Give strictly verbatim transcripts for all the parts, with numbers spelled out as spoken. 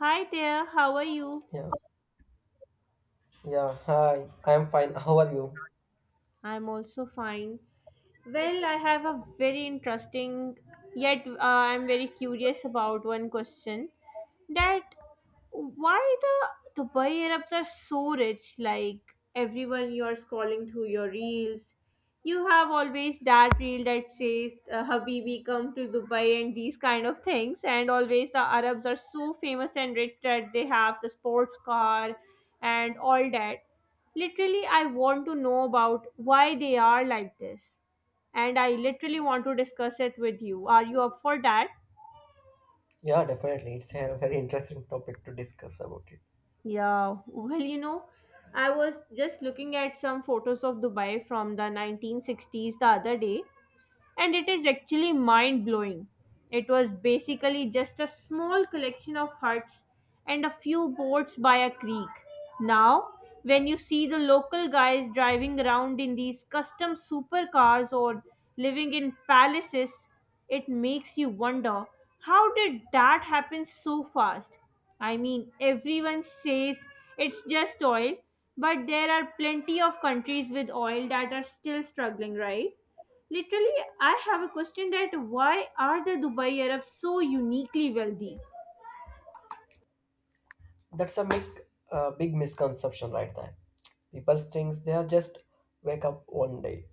Hi there, how are you? Yeah, yeah. Hi, I'm fine. How are you? I'm also fine. Well, I have a very interesting, yet uh, I'm very curious about one question that why the Dubai Arabs are so rich? Like everyone, you are scrolling through your reels, you have always that reel that says uh, "Habibi, come to Dubai" and these kind of things. And always the Arabs are so famous and rich that they have the sports car and all that. Literally, I want to know about why they are like this and I literally want to discuss it with you. Are you up for that? Yeah, definitely. It's a very interesting topic to discuss about it. Yeah, well, you know, I was just looking at some photos of Dubai from the nineteen sixties the other day, and it is actually mind blowing. It was basically just a small collection of huts and a few boats by a creek. Now, when you see the local guys driving around in these custom supercars or living in palaces, it makes you wonder how did that happen so fast? I mean, everyone says it's just oil, but there are plenty of countries with oil that are still struggling, right? Literally, I have a question that why are the Dubai Arabs so uniquely wealthy? That's a big, uh, big misconception right there. People think they are just wake up one day,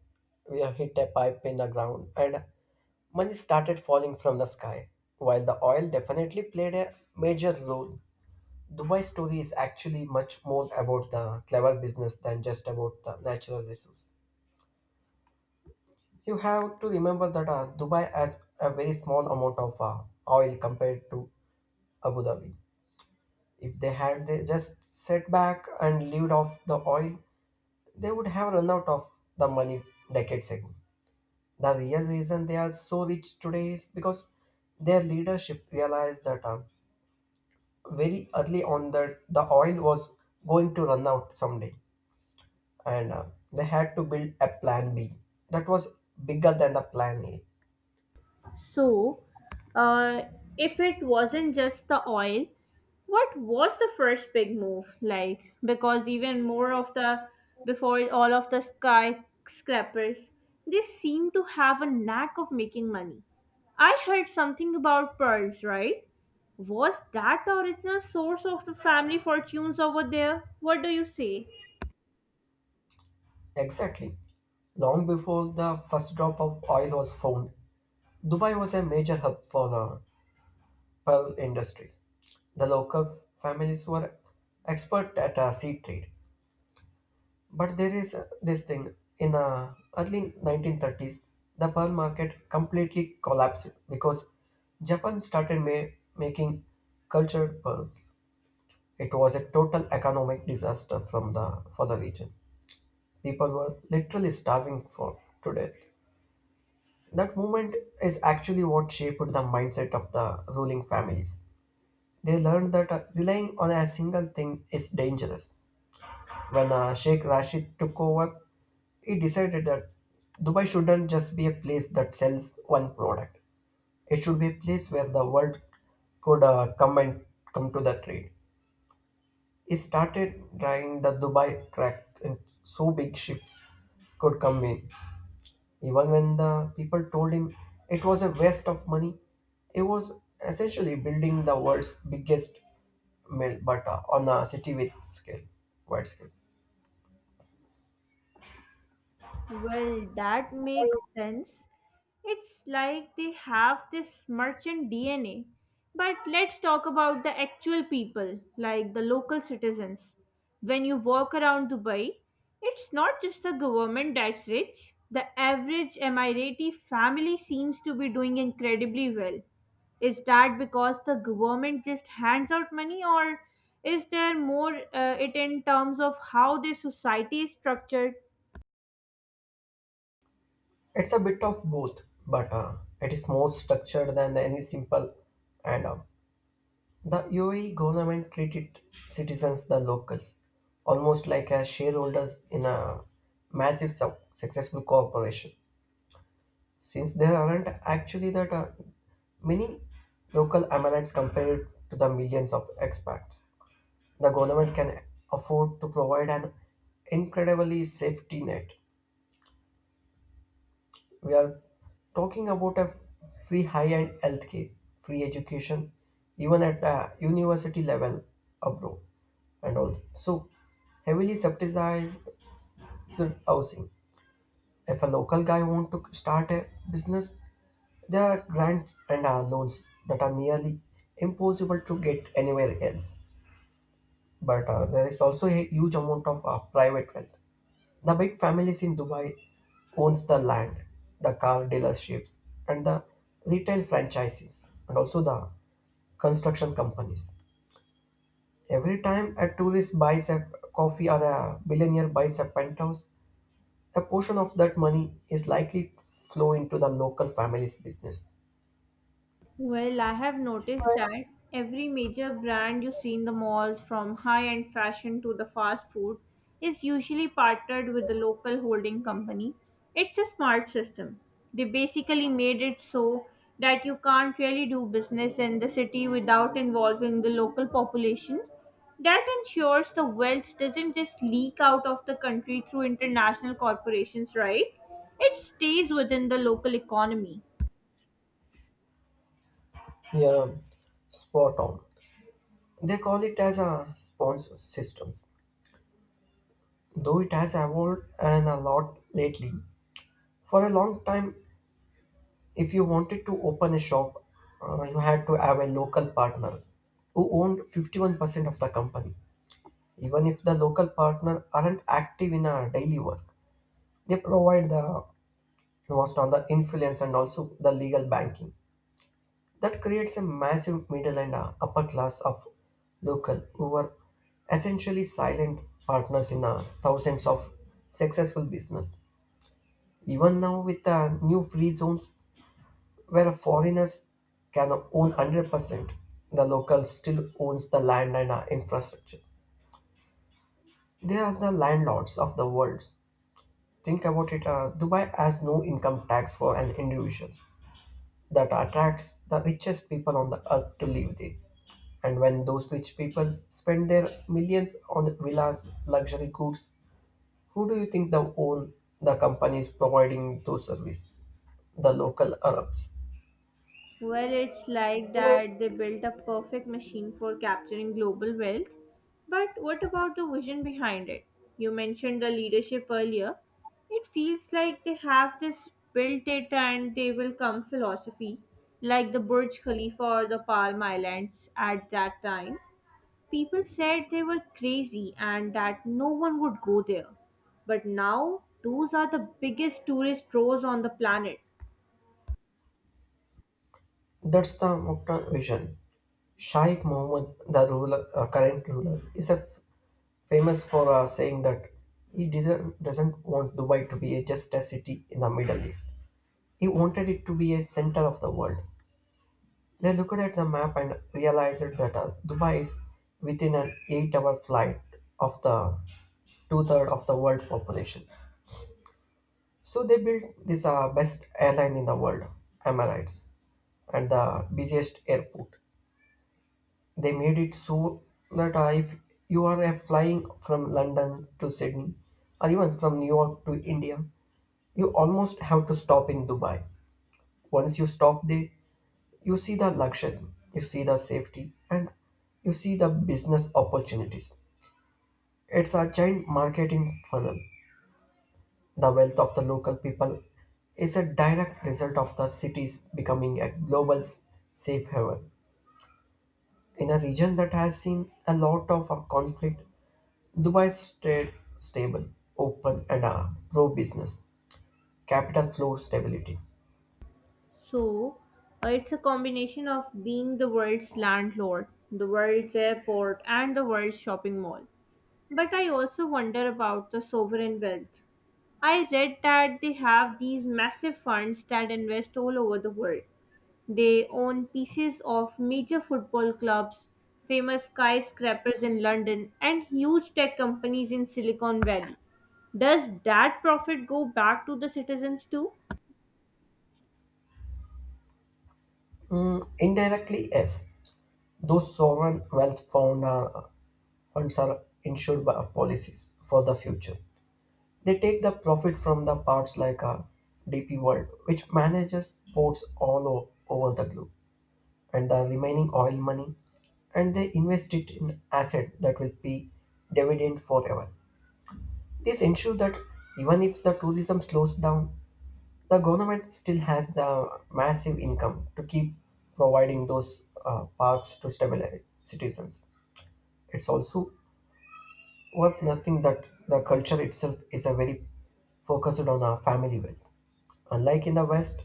we are hit a pipe in the ground, and money started falling from the sky. While the oil definitely played a major role, Dubai story is actually much more about the clever business than just about the natural resource. You have to remember that uh, Dubai has a very small amount of uh, oil compared to Abu Dhabi. If they had they just set back and lived off the oil, they would have run out of the money decades ago. The real reason they are so rich today is because their leadership realized that uh, very early on that the oil was going to run out someday, and uh, they had to build a plan B that was bigger than the plan A. So, uh, if it wasn't just the oil, what was the first big move like? Because even more of the before all of the skyscrapers, they seem to have a knack of making money. I heard something about pearls, right? Was that the original source of the family fortunes over there? What do you say? Exactly. Long before the first drop of oil was found, Dubai was a major hub for uh, pearl industries. The local families were expert at uh, sea trade. But there is uh, this thing in the early nineteen thirties, the pearl market completely collapsed because Japan started ma- making cultured pearls. It was a total economic disaster from the for the region. People were literally starving for to death. That movement is actually what shaped the mindset of the ruling families. They learned that uh, relying on a single thing is dangerous. When uh, Sheikh Rashid took over, he decided that Dubai shouldn't just be a place that sells one product. It should be a place where the world could uh, come and come to the trade. He started drawing the Dubai crack, and so big ships could come in. Even when the people told him it was a waste of money, he was essentially building the world's biggest mill, but uh, on a city with scale, wide scale. Well, that makes sense. It's like they have this merchant D N A. But let's talk about the actual people, like the local citizens. When you walk around Dubai, it's not just the government that's rich. The average Emirati family seems to be doing incredibly well. Is that because the government just hands out money, or is there more uh, it in terms of how their society is structured? It's a bit of both, but uh, it is more structured than any simple. And uh, the U A E government treated citizens, the locals, almost like as shareholders in a massive, suc- successful corporation. Since there aren't actually that uh, many local M L Ns compared to the millions of expats. The government can afford to provide an incredibly safety net. We are talking about a free high-end healthcare, free education, even at a university level abroad and all. So heavily subsidized housing. If a local guy want to start a business, there are grants and uh, loans that are nearly impossible to get anywhere else. But uh, there is also a huge amount of uh, private wealth. The big families in Dubai owns the land, the car dealerships, and the retail franchises, and also the construction companies. Every time a tourist buys a coffee or a billionaire buys a penthouse, a portion of that money is likely to flow into the local family's business. Well, I have noticed that every major brand you see in the malls, from high end fashion to the fast food, is usually partnered with the local holding company. It's a smart system. They basically made it so that you can't really do business in the city without involving the local population. That ensures the wealth doesn't just leak out of the country through international corporations, right? It stays within the local economy. Yeah, spot on. They call it as a sponsor systems, though it has evolved and a lot lately. For a long time, if you wanted to open a shop, uh, you had to have a local partner who owned fifty-one percent of the company. Even if the local partner aren't active in our daily work, they provide the most on the influence and also the legal banking. That creates a massive middle and uh, upper class of local who are essentially silent partners in uh, thousands of successful business. Even now with the new free zones where foreigners can own one hundred percent, the locals still owns the land and uh, infrastructure. They are the landlords of the world. Think about it, uh, Dubai has no income tax for an individual. That attracts the richest people on the earth to live there. And when those rich people spend their millions on villas, luxury goods, who do you think the own the companies providing those service? The local Arabs. Well, it's like that they built a perfect machine for capturing global wealth. But what about the vision behind it? You mentioned the leadership earlier. It feels like they have this built it and they will come philosophy, like the Burj Khalifa or the Palm Islands at that time. People said they were crazy and that no one would go there. But now, those are the biggest tourist draws on the planet. That's the Mukta vision. Sheikh Mohammed, the ruler, uh, current ruler, is a f- famous for uh, saying that he doesn't, doesn't want Dubai to be a, just a city in the Middle East. He wanted it to be a center of the world. They looked at the map and realized that uh, Dubai is within an eight-hour flight of the two-thirds of the world population. So they built this uh, best airline in the world, am I right? And the busiest airport. They made it so that uh, if you are uh, flying from London to Sydney, or even from New York to India, you almost have to stop in Dubai. Once you stop there, you see the luxury, you see the safety, and you see the business opportunities. It's a giant marketing funnel. The wealth of the local people is a direct result of the cities becoming a global s- safe haven. In a region that has seen a lot of uh, conflict, Dubai stayed stable, open, and uh, pro business. Capital flow stability. So, uh, it's a combination of being the world's landlord, the world's airport, and the world's shopping mall. But I also wonder about the sovereign wealth. I read that they have these massive funds that invest all over the world. They own pieces of major football clubs, famous skyscrapers in London, and huge tech companies in Silicon Valley. Does that profit go back to the citizens too? Mm, indirectly, yes. Those sovereign wealth found uh, funds are insured by policies for the future. They take the profit from the parts like a D P World, which manages ports all o- over the globe, and the remaining oil money, and they invest it in asset that will be dividend forever. This ensures that even if the tourism slows down, the government still has the massive income to keep providing those uh, parks to stabilize citizens. It's also worth nothing that the culture itself is a very focused on our family wealth. Unlike in the West,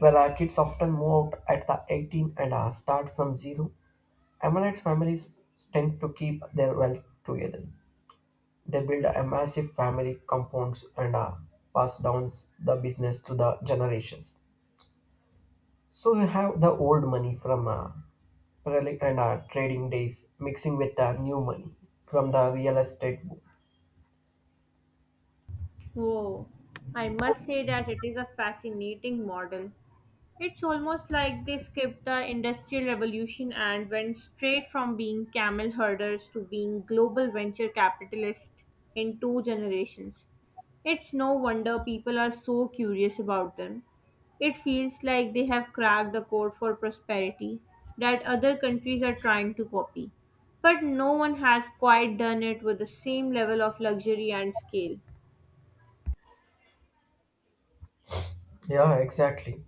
where our kids often move out at the eighteen and uh, start from zero, Emirates families tend to keep their wealth together. They build a massive family compounds and uh, pass down the business to the generations. So you have the old money from uh, relic and our trading days mixing with the new money from the real estate boom. Oh, I must say that it is a fascinating model. It's almost like they skipped the Industrial Revolution and went straight from being camel herders to being global venture capitalists in two generations. It's no wonder people are so curious about them. It feels like they have cracked the code for prosperity that other countries are trying to copy. But no one has quite done it with the same level of luxury and scale. Yeah, exactly.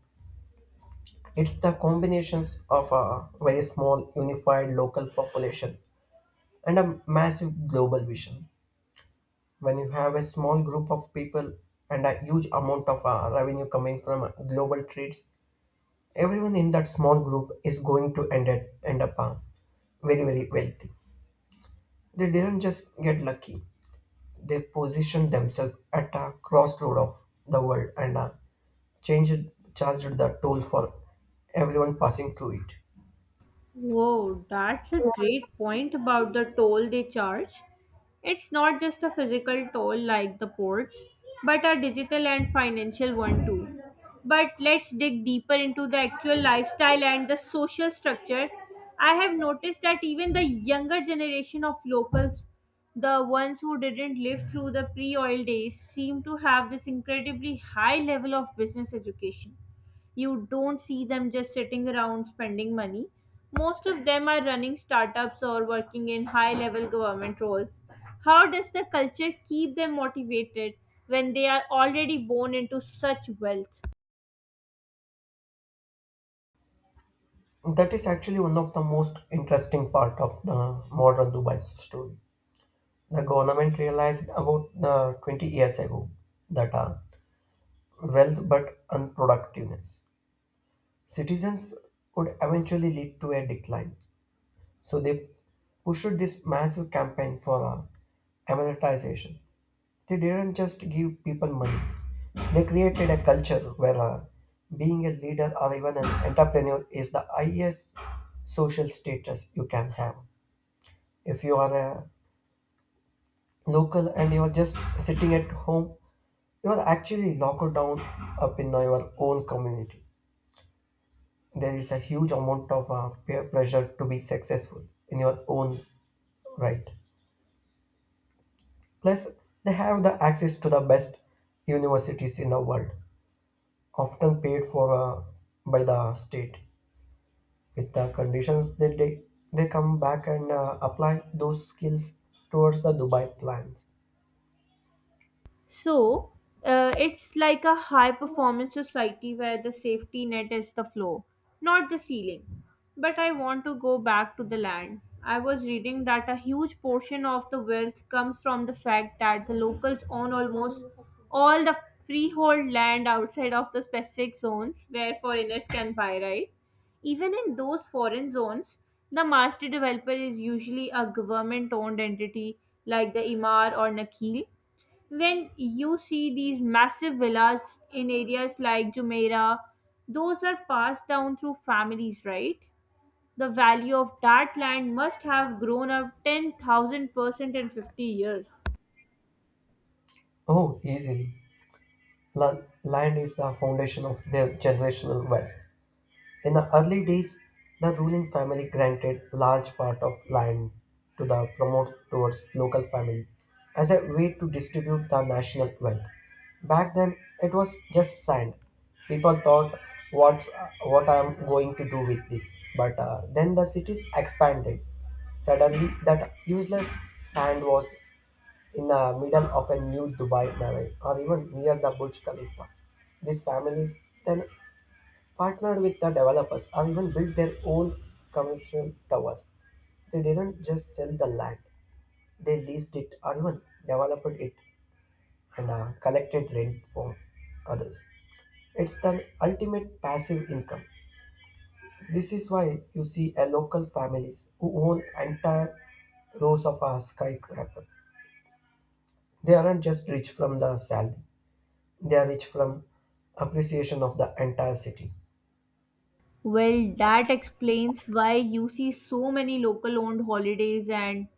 It's the combinations of a very small unified local population and a massive global vision. When you have a small group of people and a huge amount of uh, revenue coming from uh, global trades, everyone in that small group is going to end, it, end up uh, very, very wealthy. They didn't just get lucky, they positioned themselves at a crossroad of the world and uh, changed, charged the toll for everyone passing through it. Whoa, that's a great point about the toll they charge. It's not just a physical toll like the ports, but a digital and financial one too. But let's dig deeper into the actual lifestyle and the social structure. I have noticed that even the younger generation of locals, the ones who didn't live through the pre oil days, seem to have this incredibly high level of business education. You don't see them just sitting around spending money. Most of them are running startups or working in high level government roles. How does the culture keep them motivated when they are already born into such wealth? That is actually one of the most interesting part of the modern Dubai story. The government realized about uh, twenty years ago that uh, wealth but unproductiveness. Citizens would eventually lead to a decline. So they pushed this massive campaign for uh, amortization. They didn't just give people money. They created a culture where uh, being a leader or even an entrepreneur is the highest social status you can have. If you are a local and you are just sitting at home, you are actually locked down up in your own community. There is a huge amount of uh, peer pressure to be successful in your own right. Plus, they have the access to the best universities in the world, often paid for uh, by the state. With the conditions that they, they come back and uh, apply those skills towards the Dubai plans. So uh, it's like a high performance society where the safety net is the floor, not the ceiling. But I want to go back to the land. I was reading that a huge portion of the wealth comes from the fact that the locals own almost all the freehold land outside of the specific zones where foreigners can buy, right? Even in those foreign zones, the master developer is usually a government owned entity like the Imar or Nakheel when you see these massive villas in areas like Jumeirah, those are passed down through families, right? The value of that land must have grown up ten thousand percent in fifty years. Oh, easily. La- land is the foundation of their generational wealth. In the early days, the ruling family granted large part of land to the promote towards local family as a way to distribute the national wealth. Back then, it was just sand. People thought, "What's what I'm going to do with this?" But uh, then the cities expanded. Suddenly, that useless sand was in the middle of a new Dubai Mall or even near the Burj Khalifa. These families then partnered with the developers and even built their own commercial towers. They didn't just sell the land, they leased it or even developed it and uh, collected rent from others. It's the ultimate passive income. This is why you see a local families who own entire rows of a skyscraper. They aren't just rich from the salary, they are rich from appreciation of the entire city. Well, that explains why you see so many local owned holidays and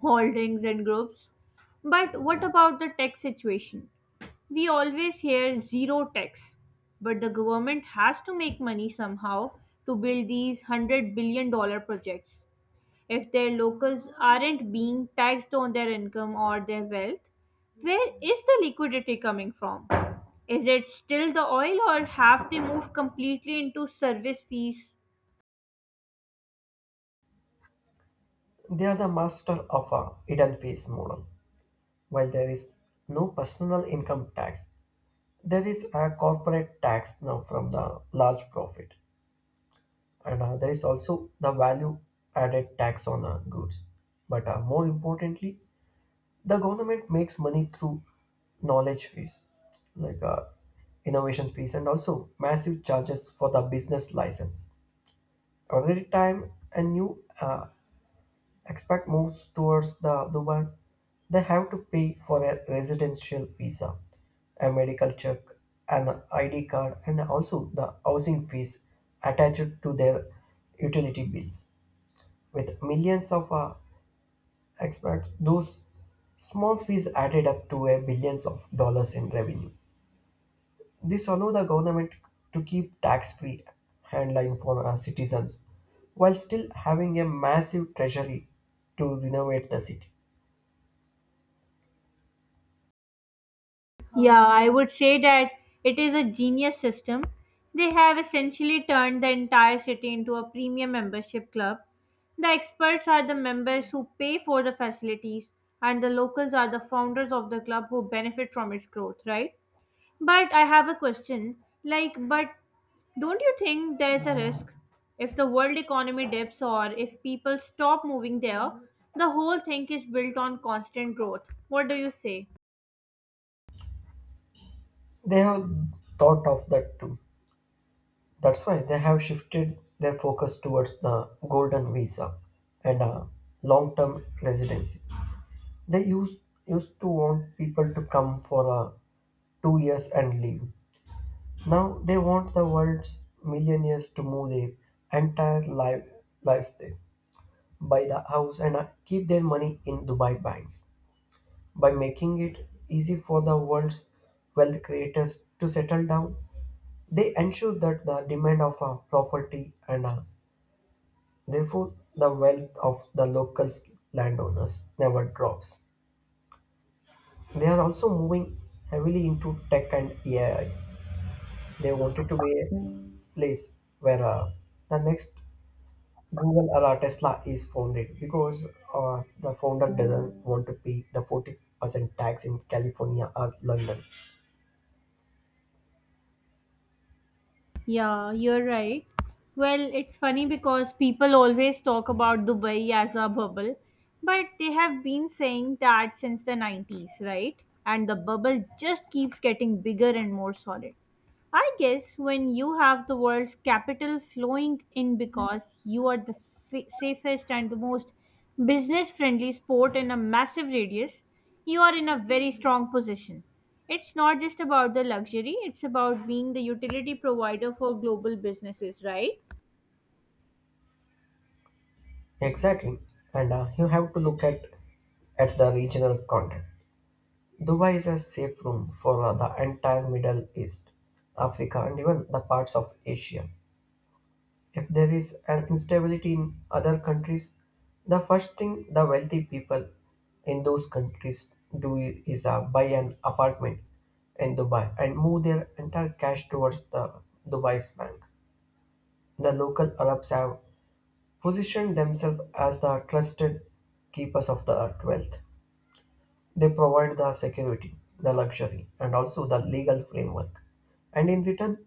holdings and groups. But what about the tech situation? We always hear zero tax, but the government has to make money somehow to build these one hundred billion dollar projects. If their locals aren't being taxed on their income or their wealth, where is the liquidity coming from? Is it still the oil or have they moved completely into service fees? They are the master of a hidden face model. While there is no personal income tax, there is a corporate tax now from the large profit, and uh, there is also the value added tax on uh, goods. But uh, more importantly, the government makes money through knowledge fees, like uh, innovation fees, and also massive charges for the business license. Every time a new uh, expat moves towards the Dubai, they have to pay for a residential visa, a medical check, an I D card, and also the housing fees attached to their utility bills. With millions of uh, expats, those small fees added up to a billions of dollars in revenue. This allows the government to keep tax-free handline for our citizens, while still having a massive treasury to renovate the city. Yeah, I would say that it is a genius system. They have essentially turned the entire city into a premium membership club. The experts are the members who pay for the facilities, and the locals are the founders of the club who benefit from its growth, right? But I have a question. Like, but don't you think there's a risk if the world economy dips or if people stop moving there? The whole thing is built on constant growth. What do you say? They have thought of that too. That's why they have shifted their focus towards the golden visa and uh, long-term residency. They used used to want people to come for uh, two years and leave. Now they want the world's millionaires to move their entire life, lives there, buy the house and uh, keep their money in Dubai banks. By making it easy for the world's wealth creators to settle down, they ensure that the demand of a property and uh, therefore the wealth of the local landowners never drops. They are also moving heavily into tech and A I. They wanted to be a place where uh, the next Google or uh, Tesla is founded because uh, the founder doesn't want to pay the forty percent tax in California or London. Yeah, you're right. Well, it's funny because people always talk about Dubai as a bubble, but they have been saying that since the nineties, right? And the bubble just keeps getting bigger and more solid. I guess when you have the world's capital flowing in because you are the f- safest and the most business friendly sport in a massive radius, you are in a very strong position. It's not just about the luxury, it's about being the utility provider for global businesses, right? Exactly. And uh, you have to look at at the regional context. Dubai is a safe room for uh, the entire Middle East, Africa, and even the parts of Asia. If there is an instability in other countries, the first thing the wealthy people in those countries do i- is uh, buy an apartment in Dubai and move their entire cash towards the Dubai's bank. The local Arabs have positioned themselves as the trusted keepers of the earth wealth. They provide the security, the luxury, and also the legal framework. And in return,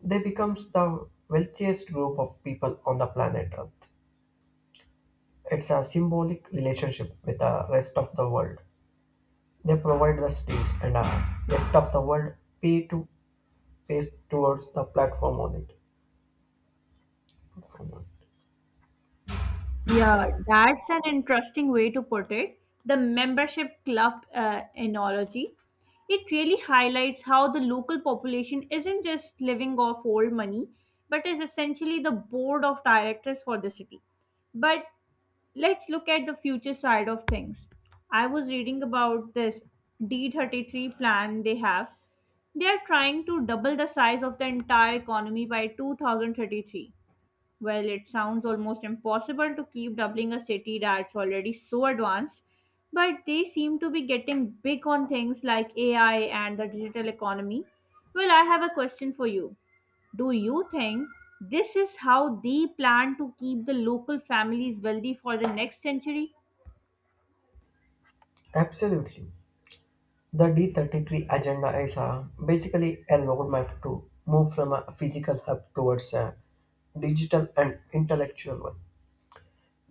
they becomes the wealthiest group of people on the planet Earth. It's a symbolic relationship with the rest of the world. They provide the stage and the rest of the world pay to pays towards the platform on it. Platform on it. Yeah, that's an interesting way to put it. The membership club uh, analogy. It really highlights how the local population isn't just living off old money, but is essentially the board of directors for the city. But let's look at the future side of things. I was reading about this D thirty-three plan they have. They are trying to double the size of the entire economy by two thousand thirty-three. Well, it sounds almost impossible to keep doubling a city that's already so advanced, but they seem to be getting big on things like A I and the digital economy. Well, I have a question for you. Do you think this is how they plan to keep the local families wealthy for the next century? Absolutely. The D thirty-three agenda is a basically a roadmap to move from a physical hub towards a digital and intellectual one.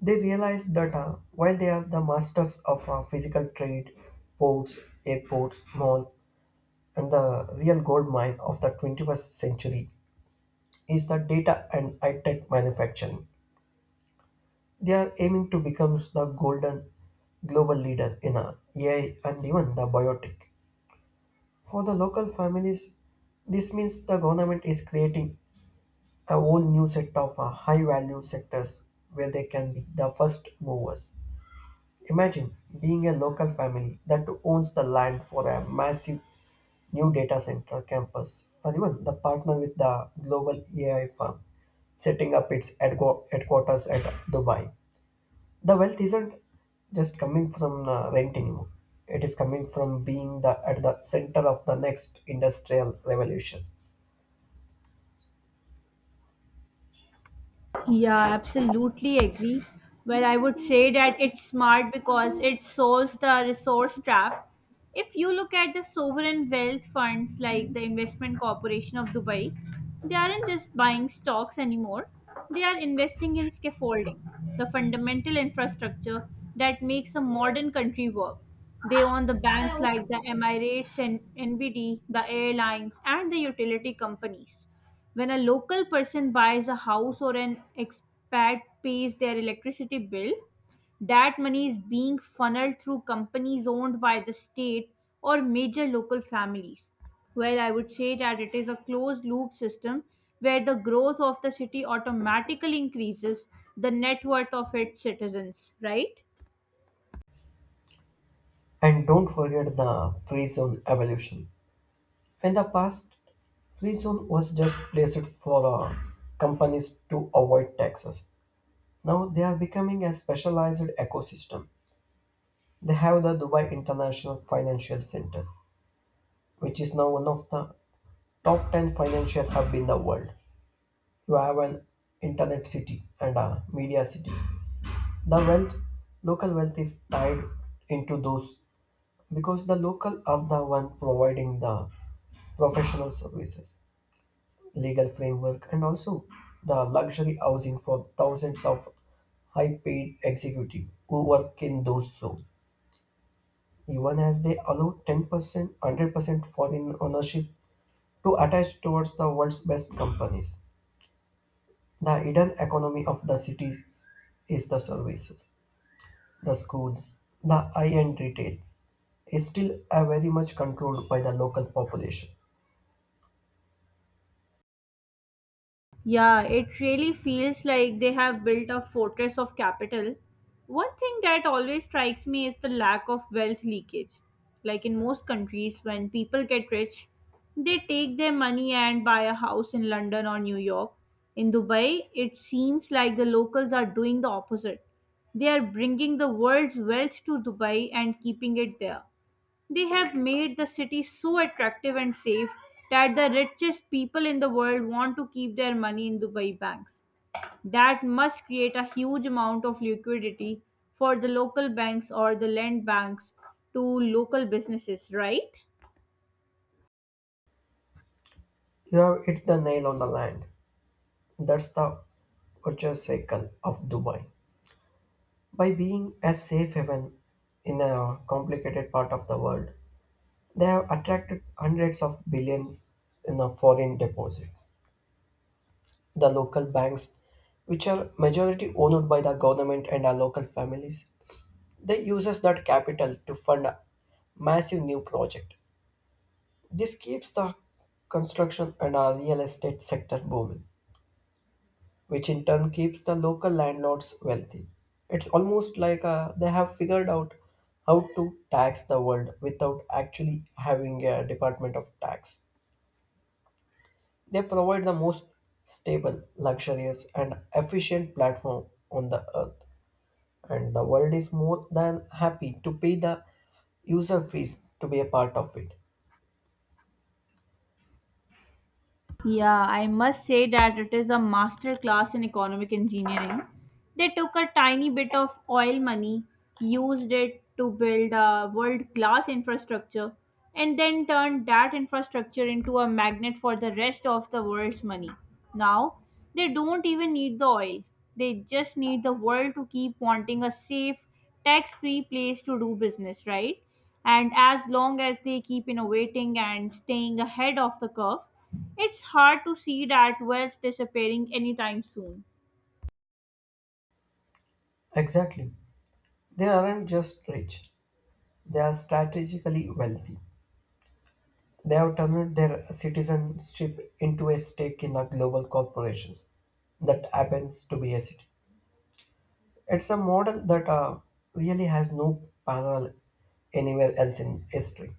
They realize that uh, while they are the masters of uh, physical trade, ports, airports, mall, and the real gold mine of the twenty-first century is the data and high-tech manufacturing. They are aiming to become the golden global leader in uh, A I and even the biotech. For the local families, this means the government is creating a whole new set of uh, high-value sectors where they can be the first movers. Imagine being a local family that owns the land for a massive new data center campus, or even the partner with the global A I firm setting up its headqu- headquarters at Dubai. The wealth isn't just coming from uh, rent anymore. It is coming from being the, at the center of the next industrial revolution. Yeah, absolutely agree. Well, I would say that it's smart because it solves the resource trap. If you look at the sovereign wealth funds like the Investment Corporation of Dubai, they aren't just buying stocks anymore, they are investing in scaffolding, the fundamental infrastructure that makes a modern country work. They own the banks like the Emirates and N B D, the airlines, and the utility companies when a local person buys a house or an expat pays their electricity bill, that money is being funneled through companies owned by the state or major local families. Well, I would say that it is a closed loop system where the growth of the city automatically increases the net worth of its citizens, right? And don't forget the free zone evolution. In the past, free zone was just placed for uh, companies to avoid taxes. Now they are becoming a specialized ecosystem. They have the Dubai International Financial Center, which is now one of the top ten financial hub in the world. You have an internet city and a media city. The wealth, local wealth is tied into those because the local are the one providing the professional services, legal framework, and also the luxury housing for thousands of high paid executive who work in those zones. Even as they allow ten percent one hundred percent foreign ownership to attach towards the world's best companies. The hidden economy of the cities is the services, the schools, the high-end retails is still uh, very much controlled by the local population. Yeah, it really feels like they have built a fortress of capital. One thing that always strikes me is the lack of wealth leakage. Like in most countries, when people get rich, they take their money and buy a house in London or New York. In Dubai, it seems like the locals are doing the opposite. They are bringing the world's wealth to Dubai and keeping it there. They have made the city so attractive and safe that the richest people in the world want to keep their money in Dubai banks. That must create a huge amount of liquidity for the local banks or the lend banks to local businesses, right? You have hit the nail on the land. That's the virtuous cycle of Dubai. By being a safe haven in a complicated part of the world, they have attracted hundreds of billions in the foreign deposits. The local banks, which are majority owned by the government and our local families, they uses that capital to fund a massive new project. This keeps the construction and our real estate sector booming, which in turn keeps the local landlords wealthy. It's almost like uh, they have figured out how to tax the world without actually having a department of tax. They provide the most stable, luxurious, and efficient platform on the earth, and the world is more than happy to pay the user fees to be a part of it. Yeah, I must say that it is a master class in economic engineering. They took a tiny bit of oil money, used it to build a world class infrastructure, and then turned that infrastructure into a magnet for the rest of the world's money. Now, they don't even need the oil, they just need the world to keep wanting a safe, tax free place to do business, right? And as long as they keep innovating and staying ahead of the curve, it's hard to see that wealth disappearing anytime soon. Exactly. They aren't just rich, they are strategically wealthy. They have turned their citizenship into a stake in the global corporations that happens to be a city. It's a model that uh, really has no parallel anywhere else in history.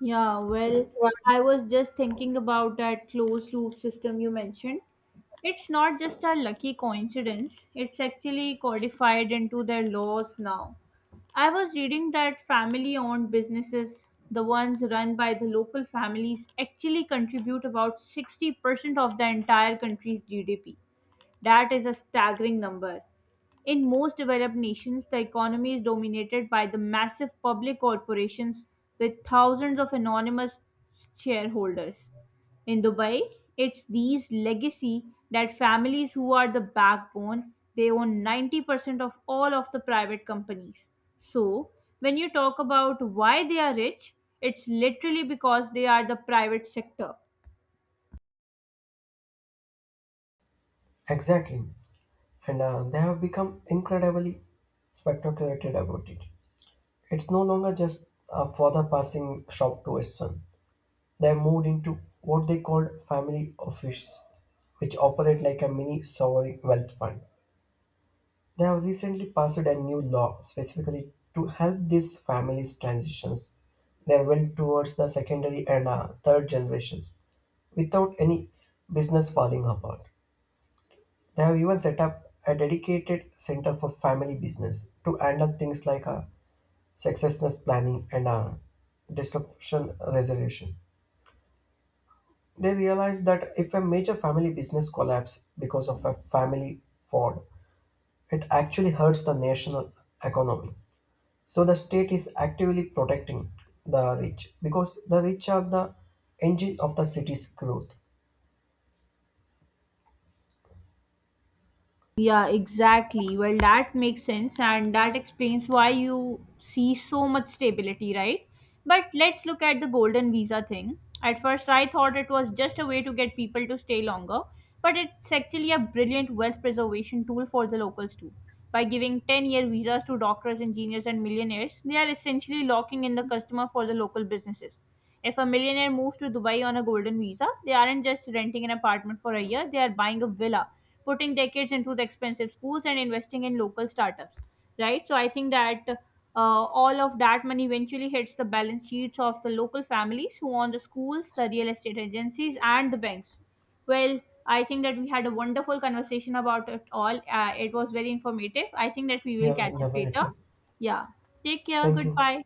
Yeah, well, Right. I was just thinking about that closed loop system you mentioned. It's not just a lucky coincidence, it's actually codified into their laws now. I was reading that family owned businesses, the ones run by the local families, actually contribute about sixty percent of the entire country's G D P. That is a staggering number. In most developed nations, the economy is dominated by the massive public corporations with thousands of anonymous shareholders. In Dubai, it's these legacy that families who are the backbone, they own ninety percent of all of the private companies. So, when you talk about why they are rich, it's literally because they are the private sector. Exactly. and uh, they have become incredibly spectaculated about it. It's no longer just a father passing shop to his son. They have moved into what they called family office, which operate like a mini sovereign wealth fund. They have recently passed a new law specifically to help these families transitions their wealth towards the secondary and uh, third generations without any business falling apart. They have even set up a dedicated center for family business to handle things like uh, successes planning and uh, disruption resolution. They realize that if a major family business collapses because of a family fraud, it actually hurts the national economy. So the state is actively protecting the rich because the rich are the engine of the city's growth. Yeah, exactly. Well, that makes sense, and that explains why you see so much stability, right? But let's look at the golden visa thing. At first, I thought it was just a way to get people to stay longer, but it's actually a brilliant wealth preservation tool for the locals, too. By giving ten year visas to doctors, engineers, and millionaires, they are essentially locking in the customer for the local businesses. If a millionaire moves to Dubai on a golden visa, they aren't just renting an apartment for a year, they are buying a villa, putting decades into the expensive schools and investing in local startups, right? So I think that uh, all of that money eventually hits the balance sheets of the local families who own the schools, the real estate agencies and the banks. Well, I think that we had a wonderful conversation about it all. Uh, it was very informative. I think that we will Yeah, catch up later. definitely. Yeah, take care, Thank you. goodbye.